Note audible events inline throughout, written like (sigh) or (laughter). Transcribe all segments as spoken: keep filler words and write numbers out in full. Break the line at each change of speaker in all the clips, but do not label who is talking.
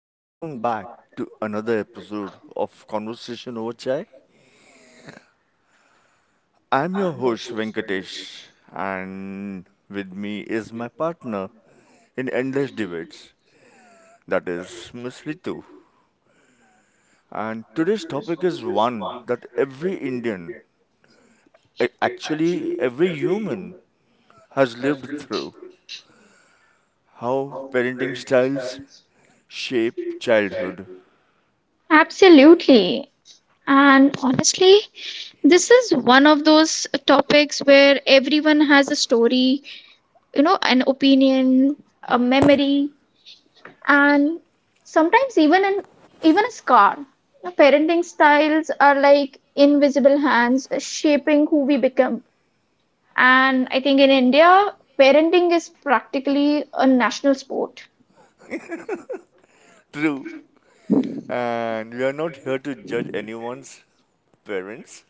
and welcome back to another episode of Conversation Over Chai. I'm your host, Venkatesh, and with me is my partner in Endless Debates, that is Miss Ritu. And today's topic is one that every Indian, a- actually, every human, has lived through how parenting styles shape childhood.
Absolutely. And honestly, this is one of those topics where everyone has a story, you know, an opinion, a memory, and sometimes even an even a scar. You know, parenting styles are like invisible hands shaping who we become. And I think in India, parenting is practically a national sport.
True, And we are not here to judge anyone's parents.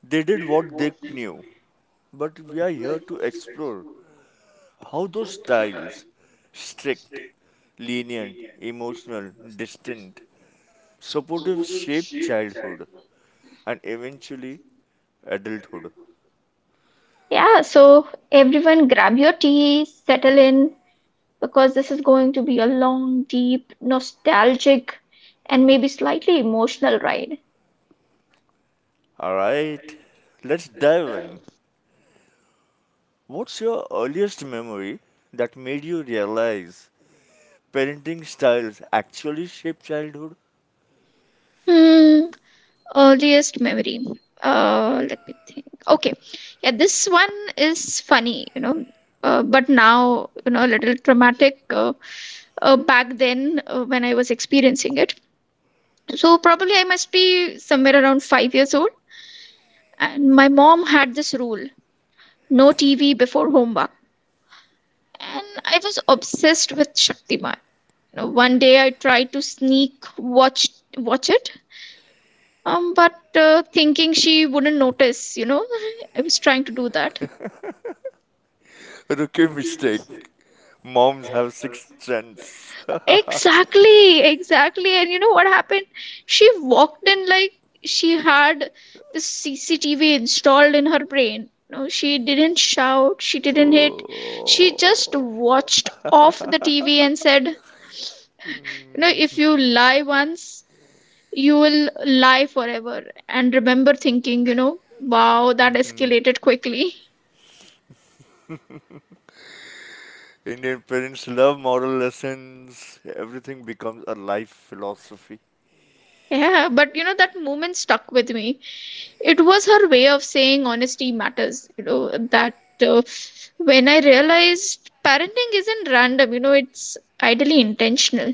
They did what they knew, but we are here to explore how those styles strict, lenient, emotional, distant, supportive shape childhood and eventually adulthood.
Yeah, so everyone grab your tea, settle in, because this is going to be a long, deep, nostalgic, and maybe slightly emotional ride.
Alright, let's dive in. What's your earliest memory that made you realize parenting styles actually shape childhood?
Hmm, earliest memory. Uh, let me think. Okay, yeah, this one is funny, you know, uh, but now, you know, a little traumatic. Uh, uh, back then, uh, when I was experiencing it, so probably I must be somewhere around five years old, and my mom had this rule: no T V before homework, and I was obsessed with Shaktiman. You know, one day I tried to sneak watch watch it, um, but uh, thinking she wouldn't notice, you know, (laughs) I was trying to do that.
Rookie mistake. Moms have sixth sense. (laughs)
Exactly, exactly. And you know what happened? She walked in like she had the C C T V installed in her brain. No, she didn't shout, she didn't hit.
Oh!
She just watched off the T V and said, you know, if you lie once, you will lie forever and remember thinking, you know, wow, that escalated quickly. (laughs)
Indian parents love moral lessons. Everything becomes a life philosophy.
Yeah, but you know, that moment stuck with me. It was her way of saying honesty matters, you know, that uh, when I realized parenting isn't random, you know, it's ideally intentional.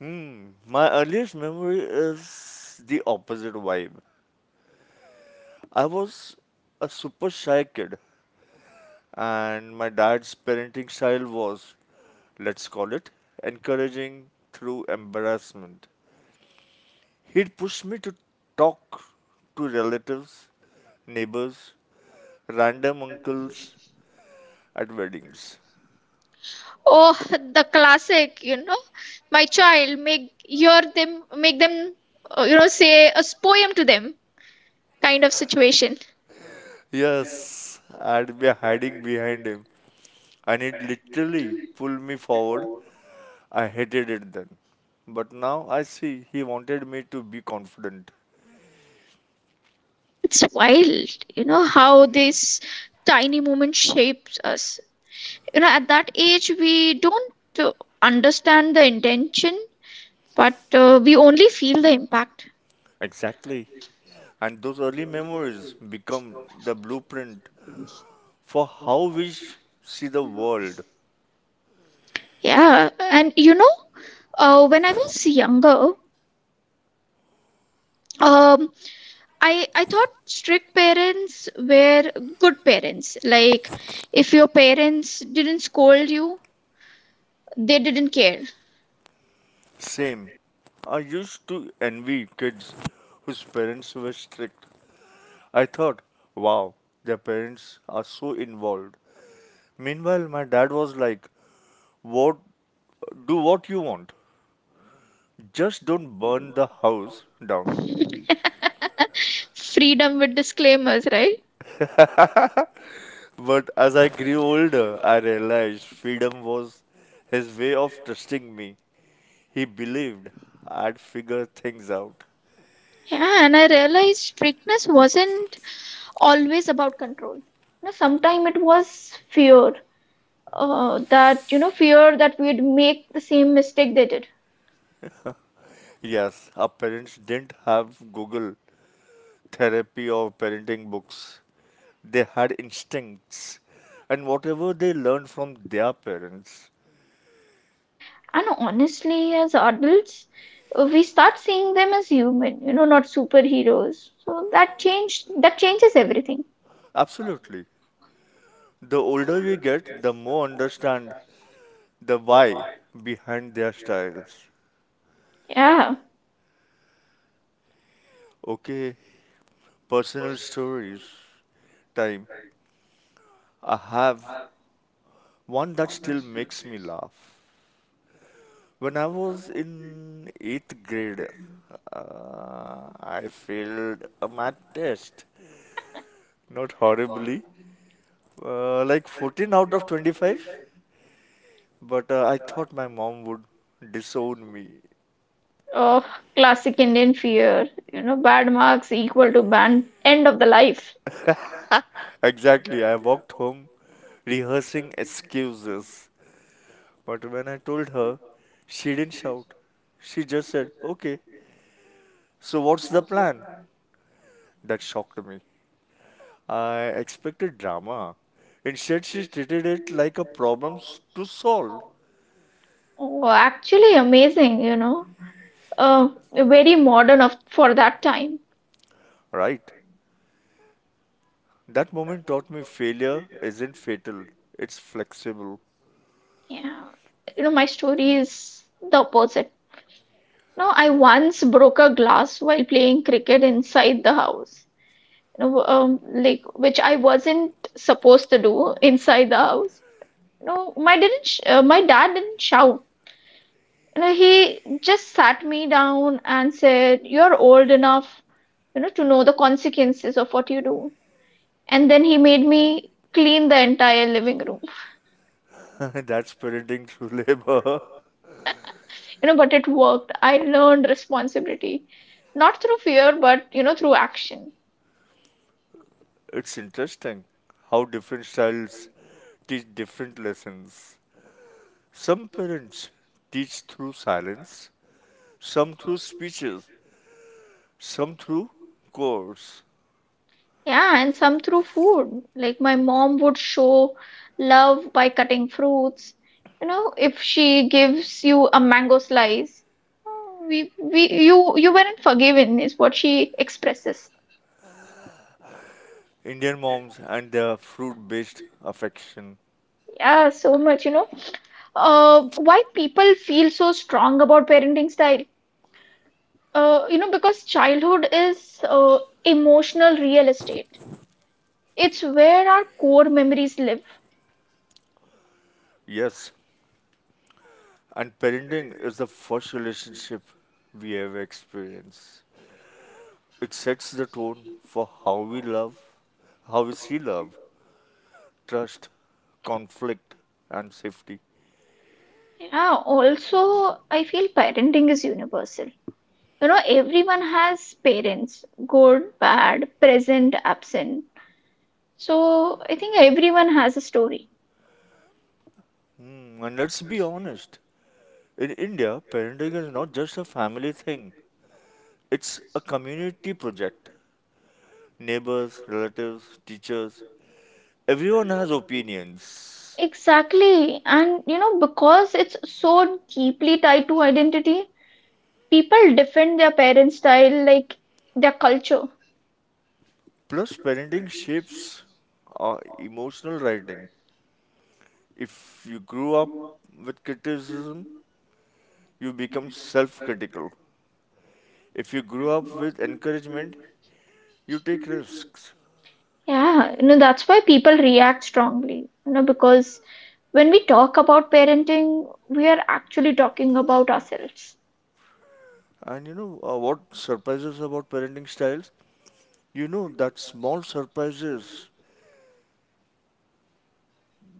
Hmm. My earliest memory is the opposite vibe. I was a super shy kid, and my dad's parenting style was, let's call it, encouraging through embarrassment. He'd push me to talk to relatives, neighbors, random uncles at weddings.
Oh, the classic, you know, my child make your them make them uh, you know, say a poem to them kind of situation.
Yes, I'd be hiding behind him, and he'd literally pull me forward. I hated it then. But now I see he wanted me to be confident.
Yeah, it's wild, you know, how this tiny moment shapes us. You know, at that age, we don't uh, understand the intention, but uh, we only feel the impact.
Exactly. And those early memories become the blueprint for how we sh- see the world.
Yeah, and you know, uh, when I was younger, um, I I thought strict parents were good parents. Like, if your parents didn't scold you, they didn't care.
Same. I used to envy kids whose parents were strict. I thought, wow, their parents are so involved. Meanwhile, my dad was like, what, do what you want. Just don't burn the house down.
(laughs) Freedom with disclaimers, right?
But as I grew older, I realized freedom was his way of trusting me. He believed I'd figure things out.
Yeah, and I realized strictness wasn't always about control. You know, sometimes it was fear, uh, that, you know, fear that we'd make the same mistake they did.
Yes, our parents didn't have Google, therapy, or parenting books. They had instincts and whatever they learned from their parents.
And honestly, as adults, uh, we start seeing them as human, you know, not superheroes. So that change that changes everything.
Absolutely. The older we get, the more understand the why behind their styles.
Yeah.
Okay, personal stories. Time. I have one that still makes me laugh. When I was in eighth grade, uh, I failed a math test. Not horribly. Uh, like fourteen out of twenty-five. But uh, I thought my mom would disown me.
Oh, classic Indian fear. You know, bad marks equal to ban end of the life.
(laughs) exactly. I walked home rehearsing excuses. But when I told her, she didn't shout. She just said, okay, so what's the plan? That shocked me. I expected drama. Instead, she treated it like a problem s- to solve.
Oh, actually amazing, you know. uh, Very modern of for that time.
Right. That moment taught me failure isn't fatal, it's flexible.
Yeah, you know, my story is the opposite. No, I once broke a glass while playing cricket inside the house. You know, um, like which I wasn't supposed to do inside the house. You know, my didn't sh- uh, my dad didn't shout. You know, he just sat me down and said, "You're old enough, you know, to know the consequences of what you do." And then he made me clean the entire living room.
(laughs) That's parenting through labor. (laughs)
You know, but it worked. I learned responsibility, not through fear, but you know, through action.
It's interesting how different styles teach different lessons. Some parents teach through silence, some through speeches, some through chores.
Yeah, and some through food, like my mom would show love by cutting fruits. You know, if she gives you a mango slice, "Oh, we we you you weren't forgiven" is what she expresses.
Indian moms and their fruit based affection.
Yeah, so much, you know, uh why people feel so strong about parenting style, uh you know, because childhood is, uh, emotional real estate. It's where our core memories live.
Yes, and parenting is the first relationship we ever experience. It sets the tone for how we love, how we see love, trust, conflict, and safety.
Yeah, also, I feel parenting is universal. You know, everyone has parents, good, bad, present, absent. So I think everyone has a story.
Hmm, and let's be honest, in India, parenting is not just a family thing, it's a community project. Neighbors, relatives, teachers, everyone has opinions.
Exactly. And, you know, because it's so deeply tied to identity, people defend their parents' style, like their culture.
Plus, parenting shapes our emotional writing. If you grew up with criticism, you become self critical. If you grew up with encouragement, you take risks.
Yeah, you know, that's why people react strongly, you know, because when we talk about parenting, we are actually talking about ourselves.
And you know uh, what surprises about parenting styles? You know that small surprises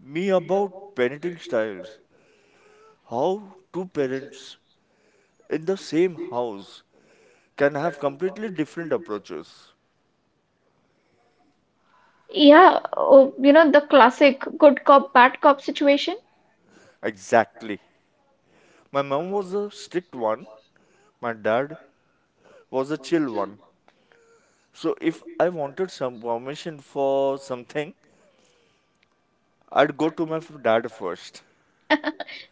me about parenting styles. How two parents in the same house can have completely different approaches.
Yeah, oh, you know, the classic good cop, bad cop situation.
Exactly. My mom was a strict one, my dad was a chill one. So if I wanted some permission for something, I'd go to my f- dad first.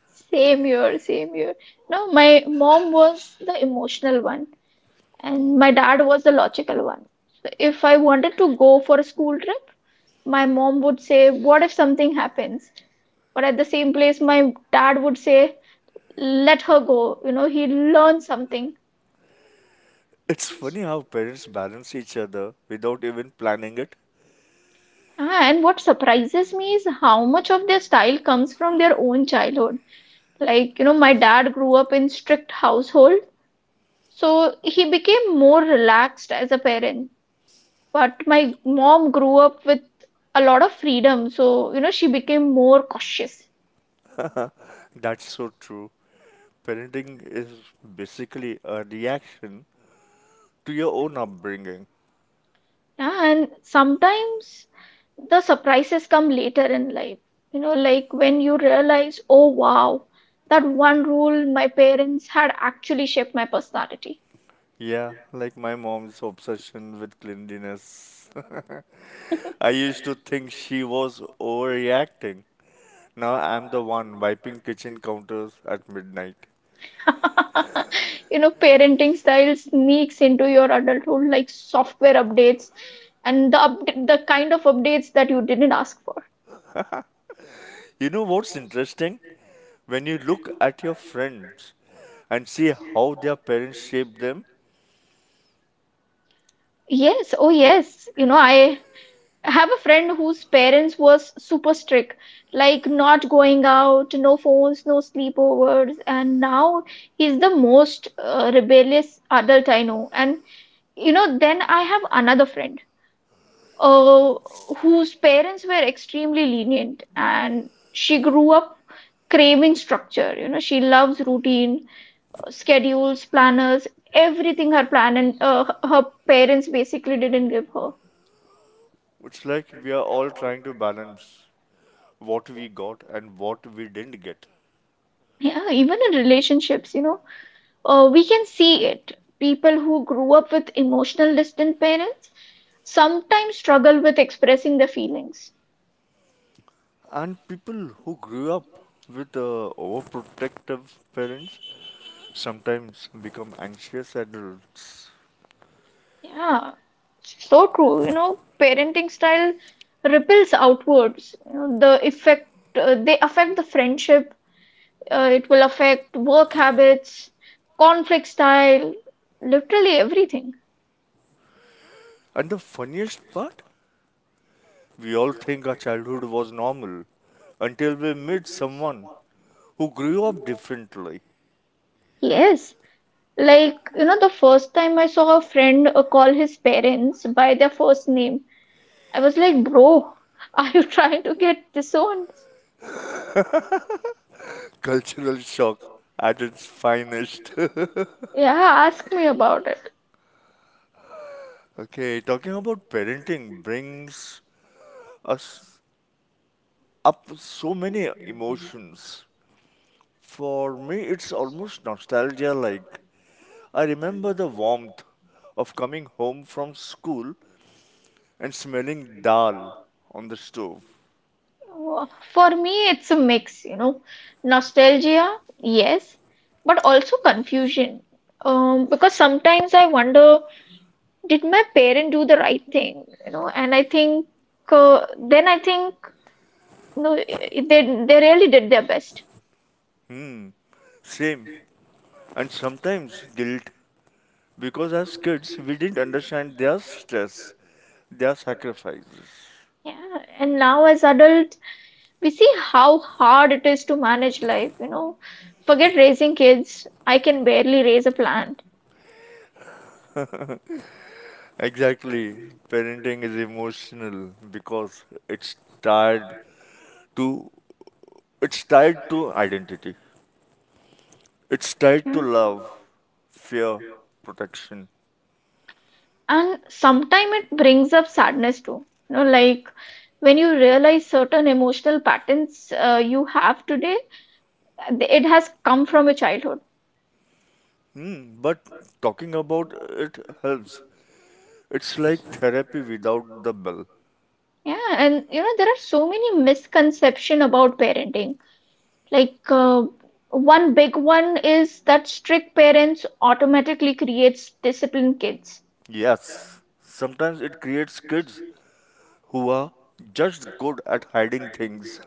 Same year, same year. No, my mom was the emotional one, and my dad was the logical one. So if I wanted to go for a school trip, my mom would say, "What if something happens?" But at the same place, my dad would say, "Let her go." You know, he learned something.
It's funny how parents balance each other without even planning it.
Ah, and what surprises me is how much of their style comes from their own childhood. Like, you know, my dad grew up in strict household, so he became more relaxed as a parent. But my mom grew up with a lot of freedom, so you know, she became more cautious.
That's so true. Parenting is basically a reaction to your own upbringing.
Yeah, and sometimes the surprises come later in life. You know, like when you realize, oh wow, that one rule my parents had actually shaped my personality.
Yeah, like my mom's obsession with cleanliness. (laughs) I used to think she was overreacting. Now I'm the one wiping kitchen counters at midnight.
(laughs) You know, parenting style sneaks into your adulthood like software updates, and the upd the kind of updates that you didn't ask for.
You know what's interesting? When you look at your friends and see how their parents shape them,
Yes, oh yes. You know, I have a friend whose parents was super strict, like not going out, no phones, no sleepovers, and now he's the most uh, rebellious adult I know. And you know, then I have another friend, uh, whose parents were extremely lenient, and she grew up craving structure. You know, she loves routine, uh, schedules, planners, everything her plan, and uh, her parents basically didn't give her.
it's like we are all trying to balance what we got and what we didn't get.
Yeah, even in relationships, you know, uh, we can see it. People who grew up with emotional distant parents sometimes struggle with expressing their feelings.
And people who grew up with uh, overprotective parents sometimes become anxious adults.
Yeah, so true. You know, parenting style ripples outwards. You know, the effect, uh, they affect the friendship. Uh, it will affect work habits, conflict style, literally everything.
And the funniest part, we all think our childhood was normal until we meet someone who grew up differently.
Yes, like you know, the first time I saw a friend uh, call his parents by their first name, I was like, "Bro, (laughs) are you trying to get disowned?"
Cultural shock at its finest. (laughs)
Yeah, ask me about it.
okay, talking about parenting brings us up so many emotions. For me, it's almost nostalgia like. I remember the warmth of coming home from school and smelling dal on the stove.
Oh, for me, it's a mix, you know, nostalgia, yes, but also confusion. Um, because sometimes I wonder, did my parent do the right thing? You know, and I think, uh, then I think no, they they really did their best.
Hmm, same. And sometimes guilt because as kids we didn't understand their stress, their sacrifices.
Yeah, and now as adults, we see how hard it is to manage life. You know, forget raising kids. I can barely raise a plant.
Exactly. Parenting is emotional because it's tied to it's tied to identity. It's tied to
Hmm.
love, fear, protection.
And sometimes it brings up sadness too. You know, like when you realize certain emotional patterns uh, you have today, it has come from your childhood.
Hmm, but talking about it helps. It's like therapy without the bell.
Yeah, and you know, there are so many misconception about parenting, like, uh, one big one is that strict parents automatically creates disciplined kids.
Yes, sometimes it creates kids who are just good at hiding things.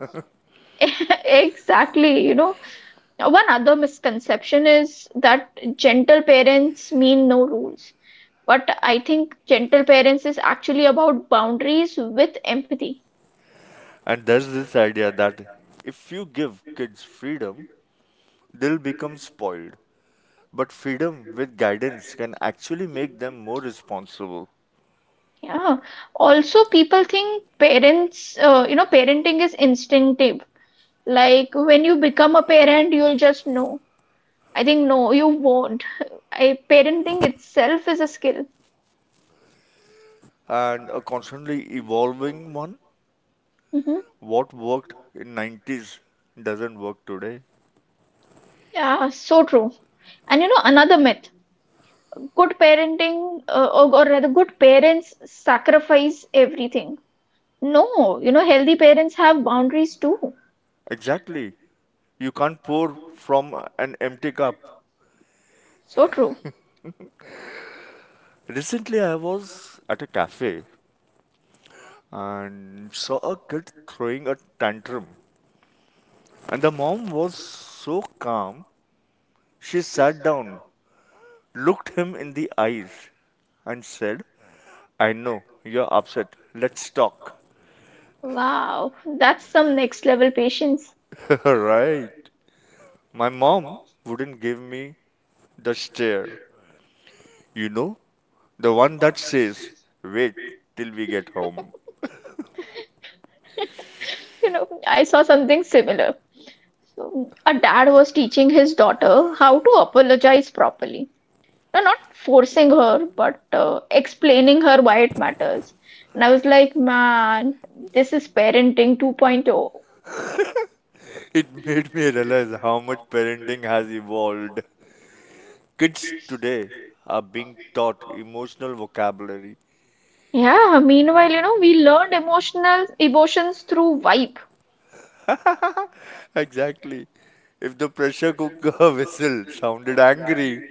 (laughs) Exactly, you know, one other misconception is that gentle parents mean no rules. What I think, gentle parents is actually about boundaries with empathy.
(laughs) and there's this idea that if you give kids freedom, they'll become spoiled. But freedom with guidance can actually make them more responsible
Yeah. Also, people think parents, uh, you know, parenting is instinctive. Like when you become a parent, you'll just know. I think no, you won't. (laughs) I parenting itself is a skill.
and a constantly evolving one.
Hmm.
What worked in nineties doesn't work today.
Yeah, so true. And you know, another myth: good parenting, uh, or, or rather, good parents sacrifice everything. No, you know, healthy parents have boundaries too.
Exactly. You can't pour from an empty cup.
So true.
Recently, I was at a cafe and saw a kid throwing a tantrum. And the mom was so calm, she sat down, looked him in the eyes, and said, I know, you're upset. Let's talk.
Wow, that's some next level patience.
(laughs) right. My mom wouldn't give me the stare. You know, the one that says, wait till we get home.
(laughs) You know, I saw something similar. So, a dad was teaching his daughter how to apologize properly. No, not forcing her, but uh, explaining her why it matters. And I was like, man, this is parenting 2.0.
(laughs) It made me realize how much parenting has evolved. Kids today are being taught emotional vocabulary
Yeah, meanwhile, you know, we learned emotional emotions through vibe.
Exactly. If the pressure cooker (laughs) whistle sounded angry,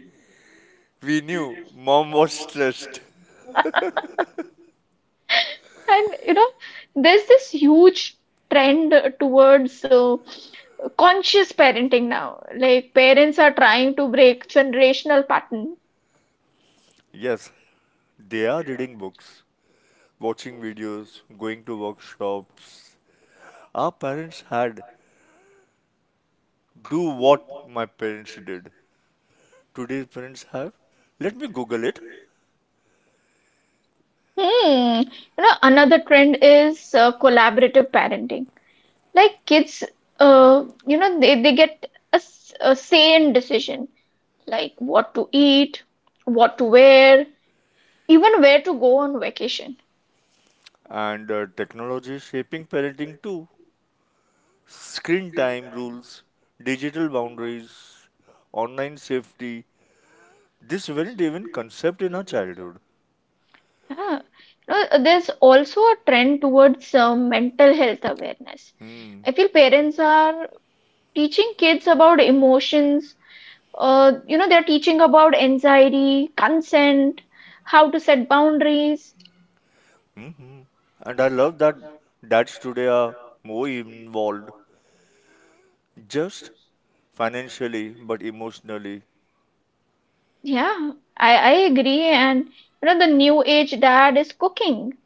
we knew mom was stressed.
And you know, there's this huge trend towards uh, conscious parenting now. Like parents are trying to break generational pattern.
Yes, they are reading books, watching videos, going to workshops. Our parents had do what my parents did. Today's parents have. Let me Google it.
Hmm. You know, another trend is uh, collaborative parenting. Like kids, uh, you know, they, they get a, s- a sane decision, like what to eat, what to wear, even where to go on vacation.
And uh, technology is shaping parenting too. Screen time rules, digital boundaries, online safety. This weren't even concept in our childhood.
Yeah. No, there's also a trend towards uh, mental health awareness. I feel parents are teaching kids about emotions. Uh, you know, they're teaching about anxiety, consent, how to set boundaries.
Mm-hmm. And I love that dads today are more involved, just financially, but emotionally.
Yeah, I, I agree. And, you know, the new age dad is cooking,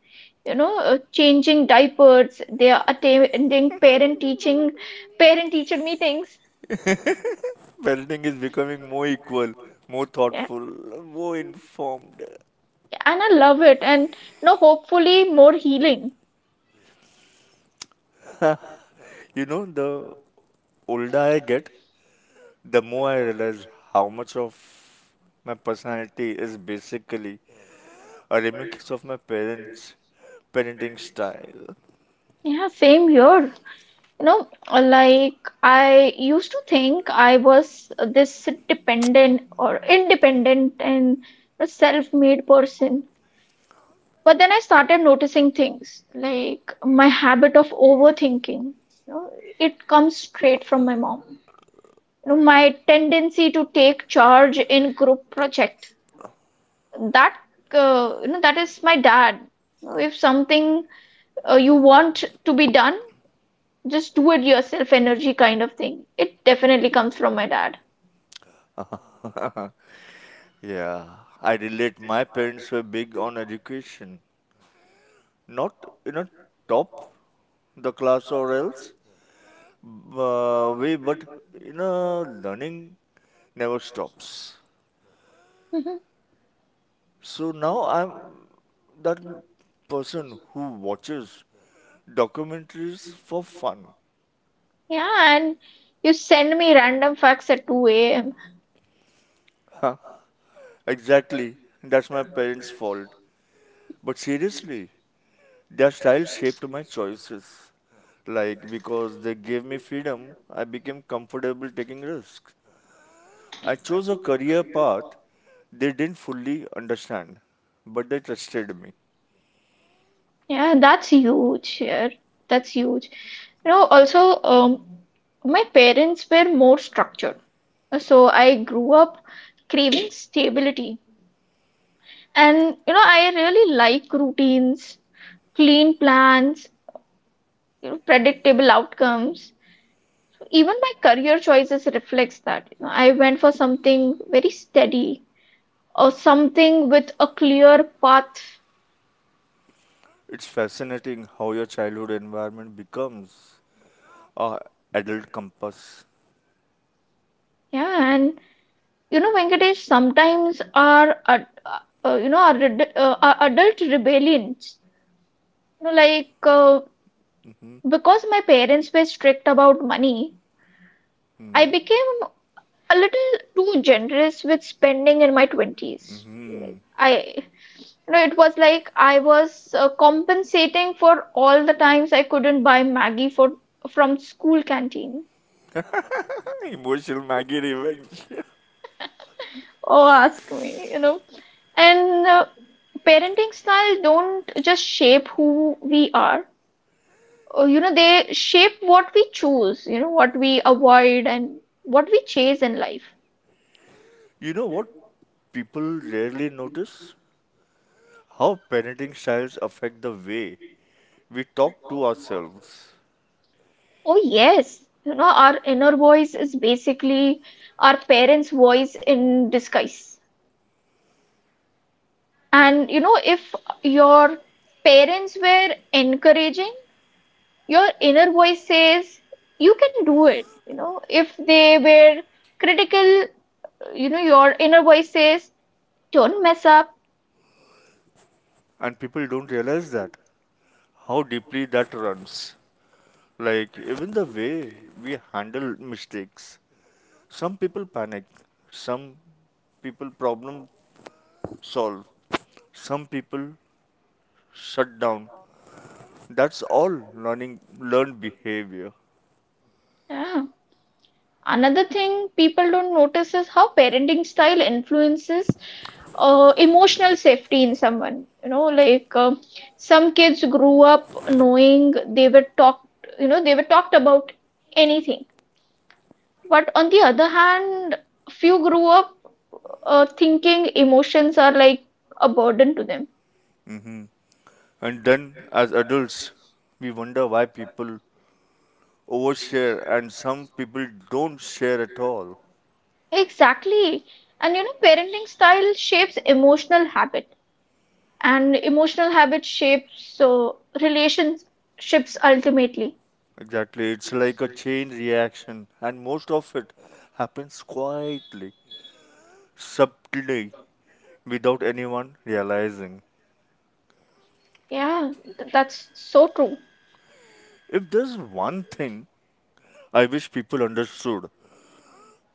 you know, uh, changing diapers. They are attending parent teaching, parent teacher meetings.
(laughs) Parenting is becoming more equal, more
Yeah.
thoughtful, more informed.
And I love it. And you know, hopefully more healing.
(laughs) you know, the older I get, the more I realize how much of my personality is basically a remix of my parents' parenting style.
Yeah, same here. You know, like I used to think I was this dependent or independent and a self-made person. But then I started noticing things like my habit of overthinking. You know, it comes straight from my mom. You know, my tendency to take charge in group project. That, uh, you know, that is my dad. You know, if something, uh, you want to be done, just do it yourself energy kind of thing, it definitely comes from my dad.
(laughs) Yeah, I relate. My parents were big on education, not you know top the class or else uh, way, but you know learning never stops.
Mhm.
So now I'm that person who watches documentaries for fun.
Yeah, and you send me random facts at two a.m.
Huh? Exactly, that's my parents' fault. But seriously, Their style shaped my choices. Like, because they gave me freedom, I became comfortable taking risks. I chose a career path they didn't fully understand, but they trusted me.
Yeah, that's huge, yeah, that's huge. You know, also, um my parents were more structured, so I grew up craving stability. And you know, I really like routines, clean plans, you know, predictable outcomes. Even my career choices reflects that. You know, I went for something very steady, or something with a clear path.
It's fascinating how your childhood environment becomes a adult compass.
Yeah, and you know, Venkatesh, sometimes our ad- uh, uh, you know our, ad- uh, our adult rebellions, you know like uh,
Hmm.
because my parents were strict about money, I
Hmm.
became a little too generous with spending in my twenties. Like I You know, it was like I was uh, compensating for all the times I couldn't buy Maggie for from school canteen.
Emotional Maggie revenge.
Oh, ask me, you know. And uh, parenting style don't just shape who we are. Uh, you know, they shape what we choose, you know, what we avoid and what we chase in life.
(laughs) you know what people rarely notice? How parenting styles affect the way We talk to ourselves,
Oh, yes. You know, our inner voice is basically our parents' voice in disguise. And you know, if your parents were encouraging, your inner voice says, you can do it. You know, if they were critical, you know, your inner voice says, don't mess up.
and people don't realize that how deeply that runs. Like, even the way we handle mistakes. Some people panic, some people problem solve, some people shut down. That's all learning, learned behavior.
Yeah. Another thing people don't notice is how parenting style influences uh, emotional safety in someone. You know, like, um some kids grew up knowing they were talked, you know, they were talked about anything. But on the other hand, few grew up uh, thinking emotions are like a burden to them.
hmm And then, as adults, we wonder why people overshare and some people don't share at all.
Exactly. And you know, parenting style shapes emotional habit, and emotional habit shapes so relationships ultimately.
Exactly. It's like a chain reaction, and most of it happens quietly, subtly, without anyone realizing.
Yeah, th- that's so true.
If there's one thing I wish people understood,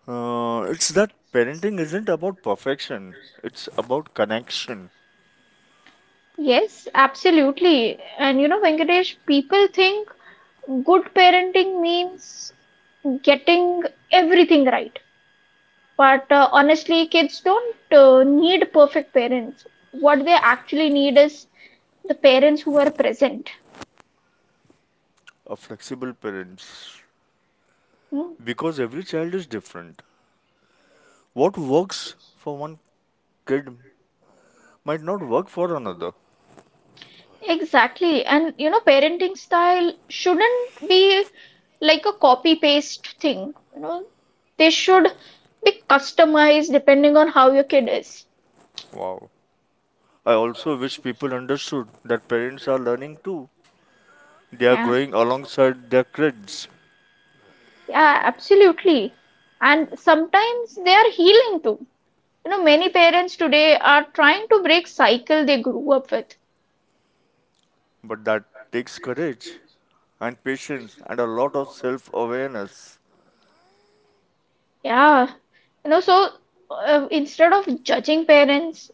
uh, it's that parenting isn't about perfection, it's about connection.
Yes, absolutely. And you know, Venkatesh, people think good parenting means getting everything right. But uh, honestly, kids don't uh, need perfect parents. What they actually need is the parents who are present.
A flexible parents.
Hmm.
Because every child is different. What works for one kid might not work for another.
Exactly. And you know, parenting style shouldn't be like a copy paste thing. You know, they should be customized depending on how your kid is.
Wow. I also wish people understood that parents are learning too. They are
Yeah.
growing alongside their kids,
Yeah, absolutely. And sometimes they are healing too. You know, many parents today are trying to break cycle they grew up with.
but that takes courage and patience and a lot of self awareness.
Yeah, you know, so uh, instead of judging parents,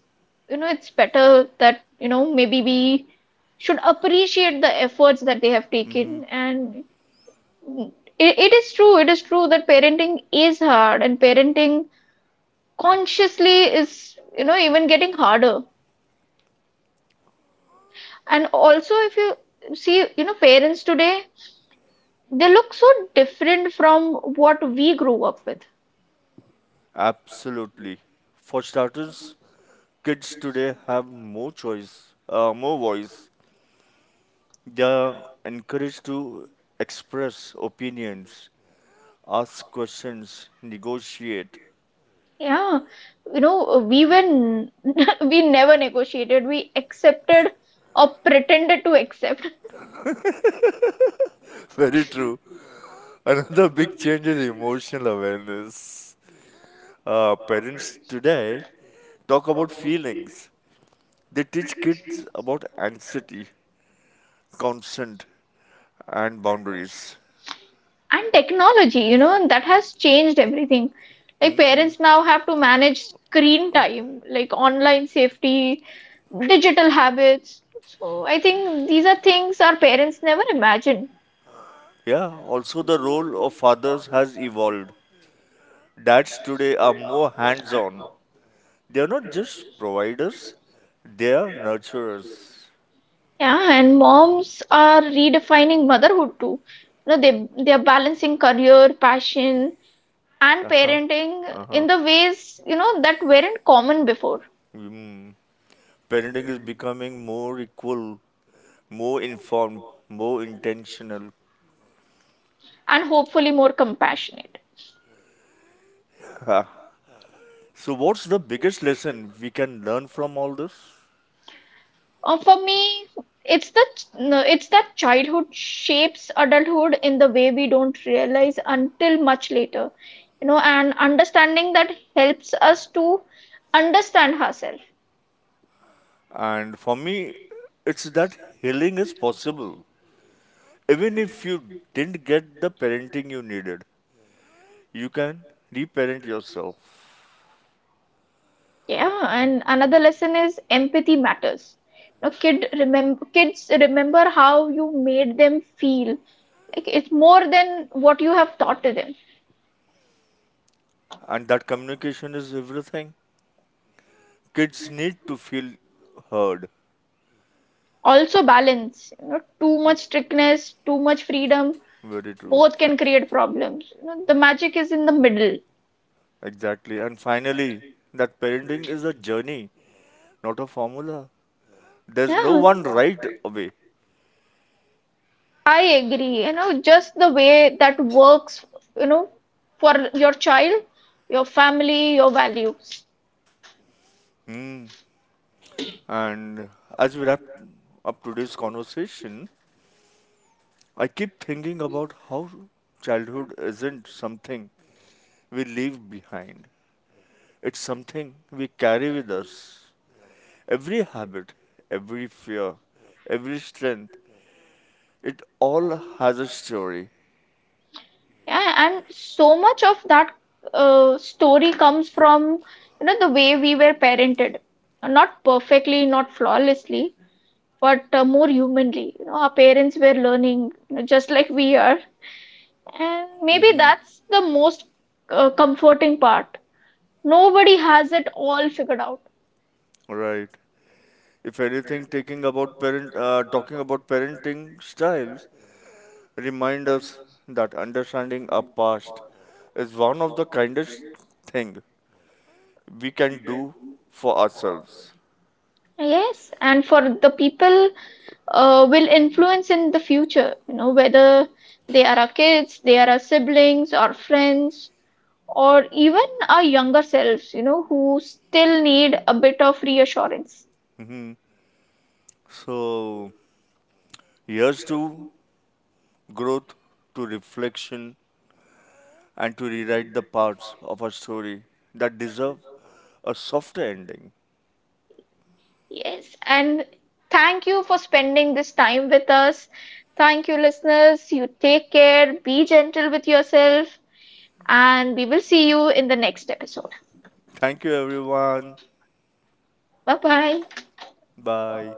you know, it's better that, you know, maybe we should appreciate the efforts that they have
hmm
taken. And it, it is true, it is true that parenting is hard and parenting consciously is, you know, even getting harder. And also, if you see, you know, parents today, they look so different from what we grew up with.
Absolutely. For starters, kids today have more choice, uh, more voice. They are encouraged to express opinions, ask questions, negotiate.
Yeah, you know, we were n- (laughs) we never negotiated. We accepted or pretended to accept.
(laughs) Very true. Another big change is emotional awareness. Uh, parents today talk about feelings. They teach kids about anxiety, consent, and boundaries.
And technology, you know, that has changed everything. Like
hmm
parents now have to manage screen time, like online safety, digital habits. So I think these are things our parents never imagined.
Yeah, also the role of fathers has evolved. Dads today are more hands on. They are not just providers, they are nurturers.
Yeah, and moms are redefining motherhood too. You know, they they are balancing career, passion, and
Uh huh.
parenting
Uh huh.
in the ways, you know, that weren't common before,
Mm. Parenting is becoming more equal, more informed, more intentional.
and hopefully more compassionate.
(laughs) So, what's the biggest lesson we can learn from all this?
Uh, for me, it's the no, it's that childhood shapes adulthood in the way we don't realize until much later. You know, and understanding that helps us to understand ourselves.
And for me, it's that healing is possible. Even if you didn't get the parenting you needed, you can reparent yourself.
Yeah, and another lesson is empathy matters. You know, kid remember kids remember how you made them feel, like, it's more than what you have taught to them.
And that communication is everything. Kids need to feel heard.
Also balance, you know, too much strictness, too much freedom,
Very true.
both can create problems. You know, the magic is in the middle.
Exactly. And finally, that parenting is a journey, not a formula. There's no
Yeah,
one right away.
I agree. You know, just the way that works, you know, for your child, your family, your values.
Hmm. And as we wrap up today's conversation, I keep thinking about how childhood isn't something we leave behind. It's something we carry with us. Every habit, every fear, every strength, it all has a story.
Yeah, and so much of that uh, story comes from, you know, the way we were parented. Not perfectly, not flawlessly, but uh, more humanly. You know, our parents were learning, you know, just like we are. And maybe
Mhm.
that's the most uh, comforting part. Nobody has it all figured out.
Right. If anything, taking about parent, uh, talking about parenting styles, remind us that understanding our past is one of the kindest thing we can do for ourselves.
Yes, and for the people uh, will influence in the future, you know, whether they are our kids, they are our siblings, or friends, or even our younger selves, you know, who still need a bit of reassurance.
Mm-hmm. So, here's to growth, to reflection, and to rewrite the parts of our story that deserve a softer ending.
Yes, and thank you for spending this time with us. Thank you, listeners. You take care, be gentle with yourself, and we will see you in the next episode.
Thank you, everyone.
Bye bye.
Bye.